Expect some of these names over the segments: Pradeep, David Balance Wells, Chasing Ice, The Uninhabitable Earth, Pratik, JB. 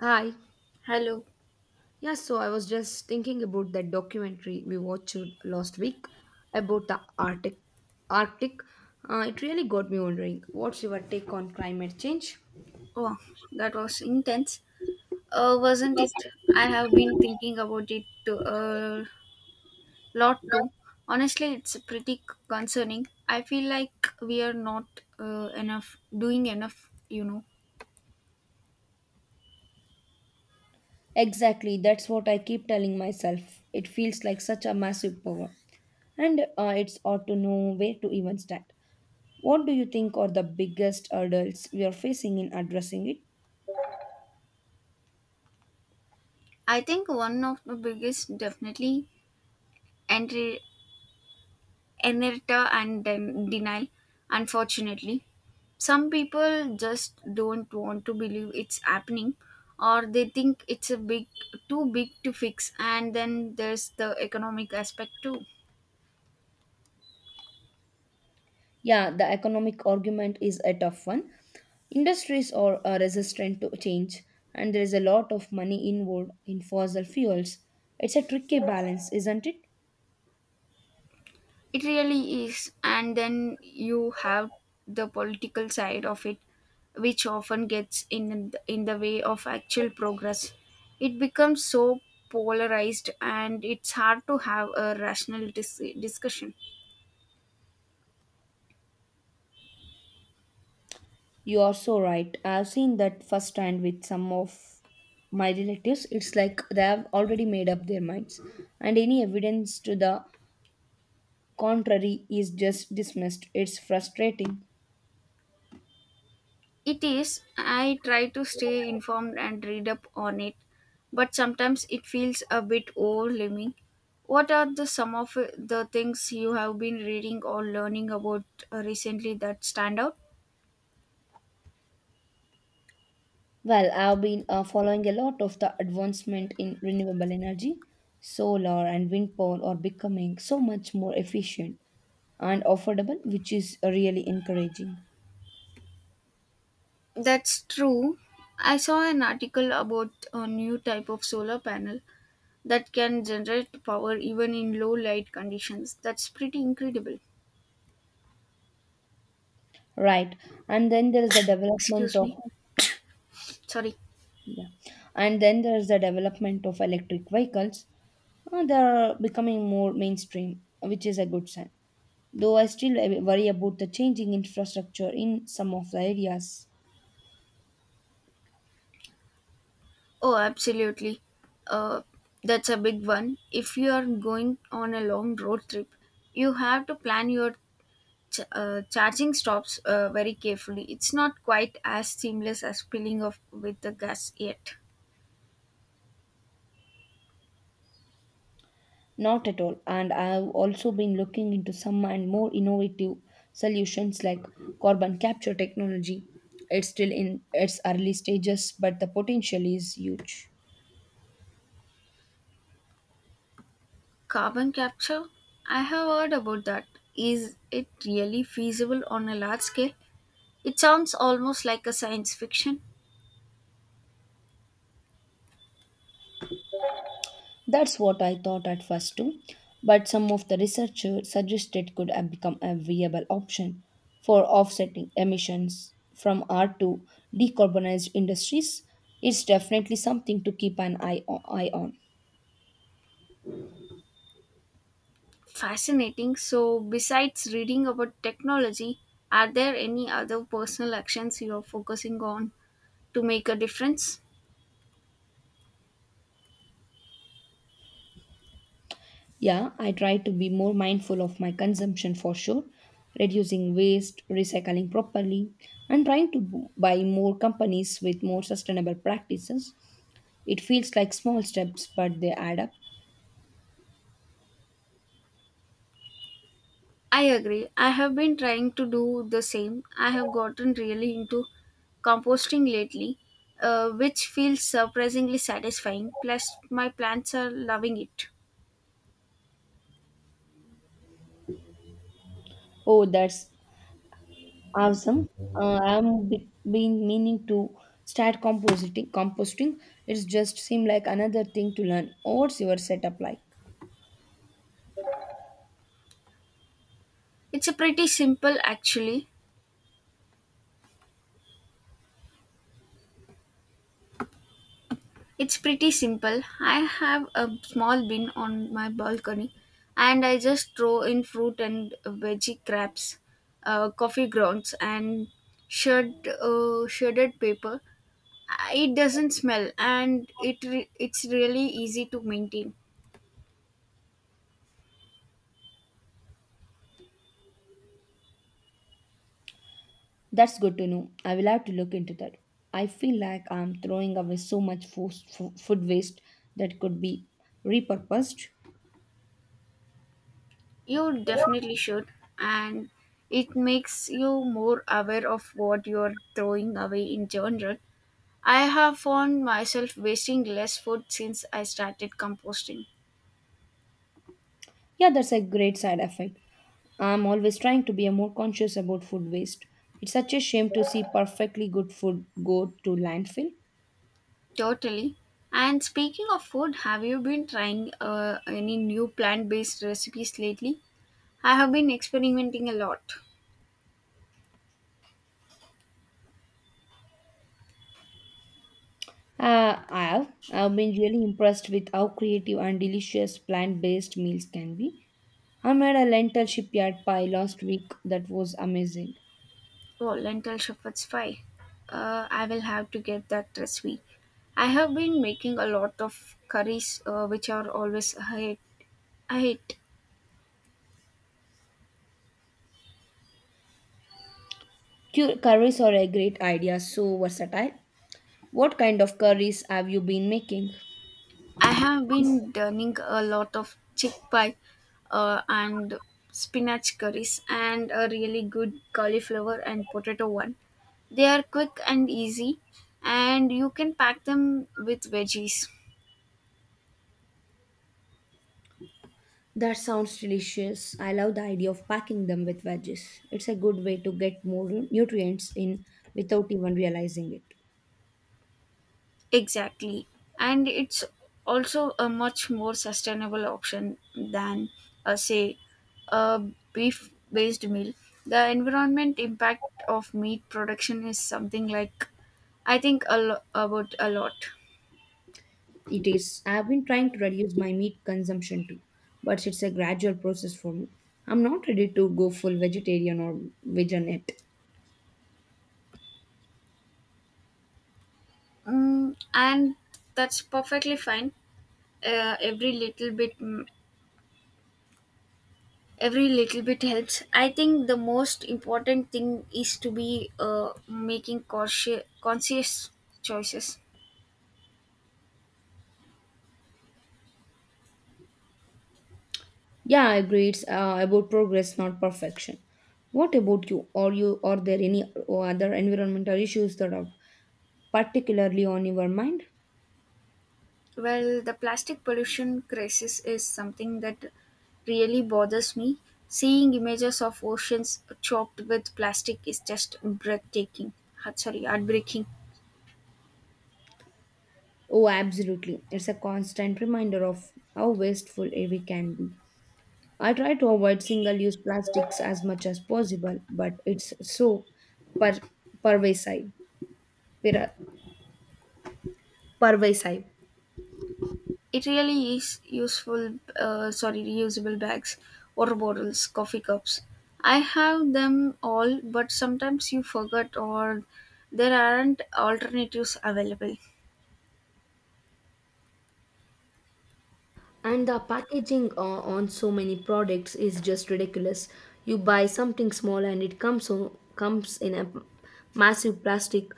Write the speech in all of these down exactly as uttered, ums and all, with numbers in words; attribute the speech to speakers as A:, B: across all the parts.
A: Hi.
B: Hello.
A: Yeah, so I was just thinking about that documentary we watched last week about the Arctic. Arctic. Uh, it really got me wondering, what's your take on climate change?
B: Oh, that was intense, uh, wasn't it? I have been thinking about it a uh, lot too. Honestly, it's pretty c- concerning. I feel like we are not uh, enough doing enough. You know,
A: Exactly, that's what I keep telling myself. It feels like such a massive power, and uh, it's ought to know where to even start. What do you think are the biggest hurdles we are facing in addressing it?
B: I think one of the biggest, definitely, entry inertia and den- denial, unfortunately. Some people just don't want to believe it's happening, or they think it's a big too big to fix, and then there's the economic aspect too.
A: Yeah, the economic argument is a tough one. Industries are, are resistant to change, and there is a lot of money involved in fossil fuels. It's a tricky balance, isn't it?
B: It really is, and then you have the political side of it, which often gets in in the way of actual progress. It becomes so polarized, and it's hard to have a rational dis- discussion.
A: You are so right. I've seen that firsthand with some of my relatives. It's like they have already made up their minds, and any evidence to the contrary is just dismissed. It's frustrating.
B: It is. I try to stay informed and read up on it, but sometimes it feels a bit overwhelming. What are the some of the things you have been reading or learning about uh, recently that stand out?
A: Well, I've been uh, following a lot of the advancement in renewable energy. Solar and wind power are becoming so much more efficient and affordable, which is really encouraging.
B: That's true. I saw an article about a new type of solar panel that can generate power even in low light conditions. That's pretty incredible.
A: Right. And then there is the development
B: Excuse
A: of
B: me. Sorry.
A: yeah. And then there is the development of electric vehicles. Uh, they are becoming more mainstream, which is a good sign. Though I still worry about the changing infrastructure in some of the areas.
B: Oh, absolutely. Uh, that's a big one. If you are going on a long road trip, you have to plan your ch- uh, charging stops uh, very carefully. It's not quite as seamless as filling up with the gas yet.
A: Not at all. And I've also been looking into some and more innovative solutions like carbon capture technology. It's still in its early stages, but the potential is huge.
B: Carbon capture? I have heard about that. Is it really feasible on a large scale? It sounds almost like a science fiction.
A: That's what I thought at first too. But some of the researchers suggested could have become a viable option for offsetting emissions from our to decarbonized industries. It's definitely something to keep an eye o- eye on.
B: Fascinating. So, besides reading about technology, are there any other personal actions you are focusing on to make a difference?
A: Yeah, I try to be more mindful of my consumption for sure, reducing waste, recycling properly, and trying to b- buy more companies with more sustainable practices. It feels like small steps, but they add up.
B: I agree. I have been trying to do the same. I have gotten really into composting lately, uh, which feels surprisingly satisfying. Plus, my plants are loving it.
A: Oh, that's awesome. Uh, I'm be- been meaning to start compositing. Composting. It's just seemed like another thing to learn. What's your setup like?
B: It's a pretty simple actually, it's pretty simple. I have a small bin on my balcony, and I just throw in fruit and veggie scraps, uh, coffee grounds, and shred, uh, shredded paper. Uh, It doesn't smell, and it re- it's really easy to maintain.
A: That's good to know. I will have to look into that. I feel like I'm throwing away so much food, food waste that could be repurposed.
B: You definitely should, and it makes you more aware of what you're throwing away in general. I have found myself wasting less food since I started composting.
A: Yeah, that's a great side effect. I'm always trying to be a more conscious about food waste. It's such a shame to see perfectly good food go to landfill.
B: Totally. And speaking of food, have you been trying uh, any new plant-based recipes lately? I have been experimenting a lot.
A: Uh, I've I've been really impressed with how creative and delicious plant-based meals can be. I made a lentil shipyard pie last week that was amazing.
B: Oh, lentil shepherd's pie. Uh, I will have to get that recipe. I have been making a lot of curries, uh, which are always I hate. I hate.
A: Cu- Curries are a great idea, so versatile. What kind of curries have you been making?
B: I have been dining a lot of chickpea uh, and spinach curries, and a really good cauliflower and potato one. They are quick and easy, and you can pack them with veggies.
A: That sounds delicious. I love the idea of packing them with veggies. It's a good way to get more nutrients in without even realizing it.
B: Exactly. And it's also a much more sustainable option than, uh, say, a beef based meal. The environment impact of meat production is something like I think a lo- about a lot.
A: It is. I've been trying to reduce my meat consumption too, but it's a gradual process for me. I'm not ready to go full vegetarian or vegan yet.
B: Mm, and that's perfectly fine. Uh, every little bit, mm, every little bit helps. I think the most important thing is to be uh, making conscious, conscious choices.
A: Yeah, I agree. It's uh, about progress, not perfection. What about you? Are you are there any other environmental issues that are particularly on your mind?
B: Well, the plastic pollution crisis is something that really bothers me. Seeing images of oceans choked with plastic is just breathtaking. Ah, sorry, heartbreaking.
A: Oh, absolutely. It's a constant reminder of how wasteful we can be. I try to avoid single-use plastics as much as possible, but it's so per- pervasive. Per- pervasive.
B: It really is useful, uh, sorry, reusable bags, water bottles, coffee cups. I have them all, but sometimes you forget or there aren't alternatives available.
A: And the packaging o- on so many products is just ridiculous. You buy something small and it comes o- comes in a massive plastic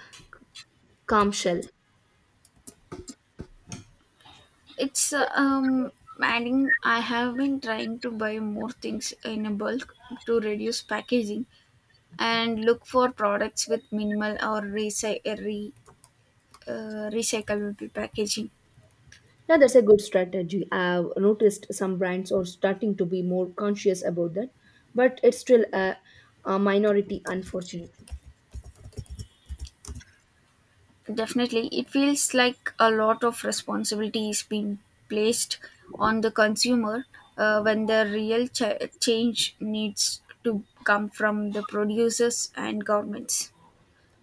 A: calm shell.
B: It's uh, um, adding, I have been trying to buy more things in a bulk to reduce packaging, and look for products with minimal or recy- uh, re- uh, recyclable packaging.
A: Yeah, that's a good strategy. I've noticed some brands are starting to be more conscious about that, but it's still a, a minority, unfortunately.
B: Definitely, it feels like a lot of responsibility is being placed on the consumer uh, when the real ch- change needs to come from the producers and governments.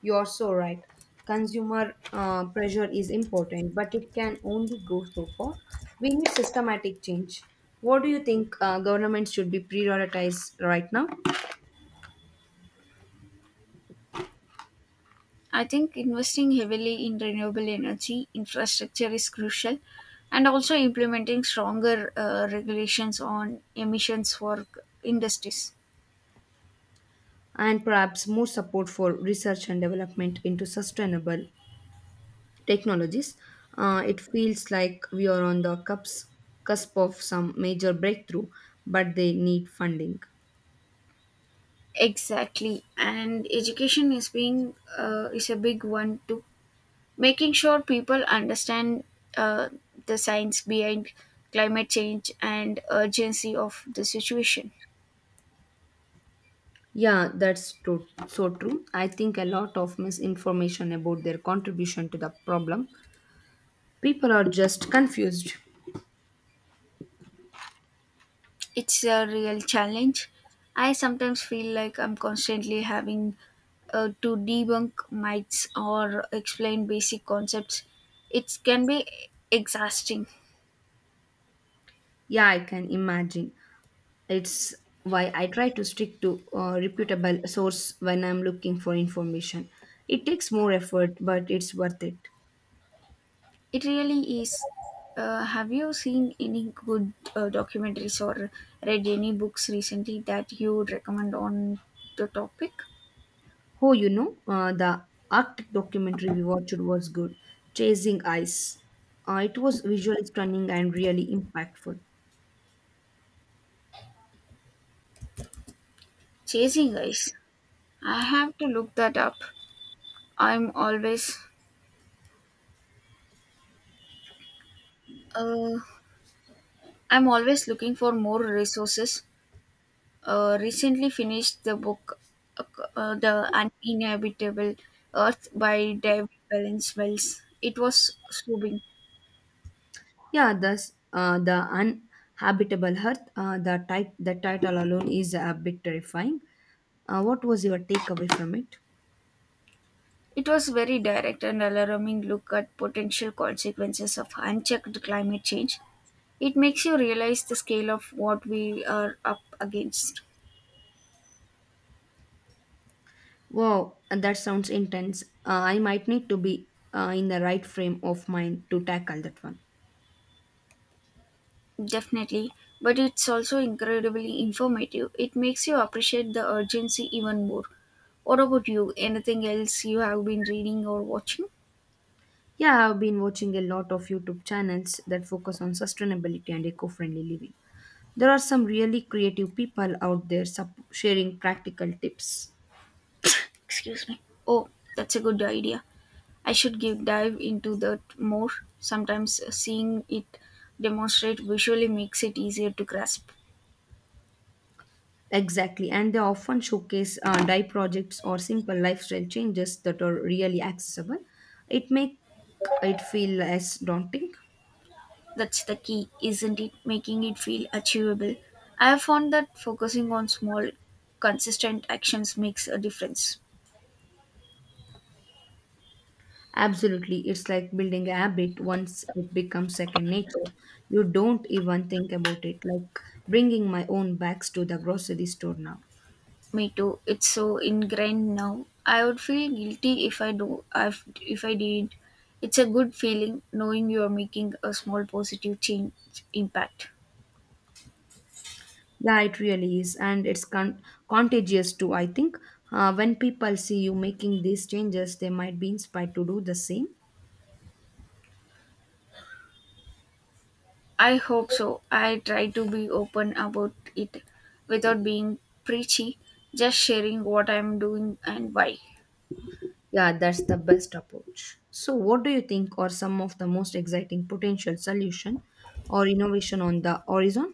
A: You're so right. Consumer uh, pressure is important, but it can only go so far. We need systematic change. What do you think uh, government should be prioritized right now?
B: I think investing heavily in renewable energy infrastructure is crucial, and also implementing stronger uh, regulations on emissions for industries.
A: And perhaps more support for research and development into sustainable technologies. Uh, it feels like we are on the cups, cusp of some major breakthrough, but they need funding.
B: Exactly, and education is being uh, is a big one too, making sure people understand uh, the science behind climate change and urgency of the situation.
A: Yeah, that's true. So true. I think a lot of misinformation about their contribution to the problem. People are just confused.
B: It's a real challenge. I sometimes feel like I'm constantly having uh, to debunk myths or explain basic concepts. It can be exhausting.
A: Yeah, I can imagine. It's why I try to stick to a reputable source when I'm looking for information. It takes more effort, but it's worth it.
B: It really is. Uh, have you seen any good uh, documentaries or read any books recently that you would recommend on the topic?
A: Oh, you know, uh, the Arctic documentary we watched was good. Chasing Ice. Uh, it was visually stunning and really impactful.
B: Chasing ice. I have to look that up. I'm always uh, I'm always looking for more resources. Uh, recently finished the book uh, The Uninhabitable Earth by David Balance Wells. It was soothing.
A: Yeah, thus uh, the uninhabitable Earth. Uh, the, tit- the title alone is a bit terrifying. Uh, what was your takeaway from it?
B: It was very direct and alarming look at potential consequences of unchecked climate change. It makes you realize the scale of what we are up against.
A: Wow, and that sounds intense. Uh, I might need to be uh, in the right frame of mind to tackle that one.
B: Definitely, but it's also incredibly informative. It makes you appreciate the urgency even more. What about you? Anything else you have been reading or watching?
A: Yeah, I've been watching a lot of YouTube channels that focus on sustainability and eco friendly living. There are some really creative people out there sup- sharing practical tips.
B: Excuse me. Oh, that's a good idea. I should give dive into that more. Sometimes seeing it demonstrate visually makes it easier to grasp.
A: Exactly, and they often showcase uh, dye projects or simple lifestyle changes that are really accessible. It makes it feel less daunting.
B: That's the key, isn't it? Making it feel achievable. I have found that focusing on small, consistent actions makes a difference.
A: Absolutely. It's like building a habit. Once it becomes second nature, you don't even think about it. Like bringing my own bags to the grocery store now.
B: Me too. It's so ingrained now. I would feel guilty if I do if, if I didn't. It's a good feeling knowing you are making a small positive change impact.
A: Yeah, it really is. And it's con- contagious too, I think. Uh, when people see you making these changes, they might be inspired to do the same.
B: I hope so. I try to be open about it without being preachy, just sharing what I'm doing and why.
A: Yeah, that's the best approach. So, what do you think are some of the most exciting potential solution or innovation on the horizon?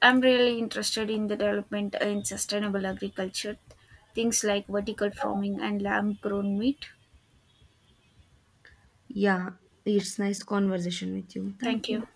B: I'm really interested in the development in sustainable agriculture, things like vertical farming and lamb grown meat.
A: Yeah, it's nice conversation with you. Thank
B: Thank
A: you.
B: you.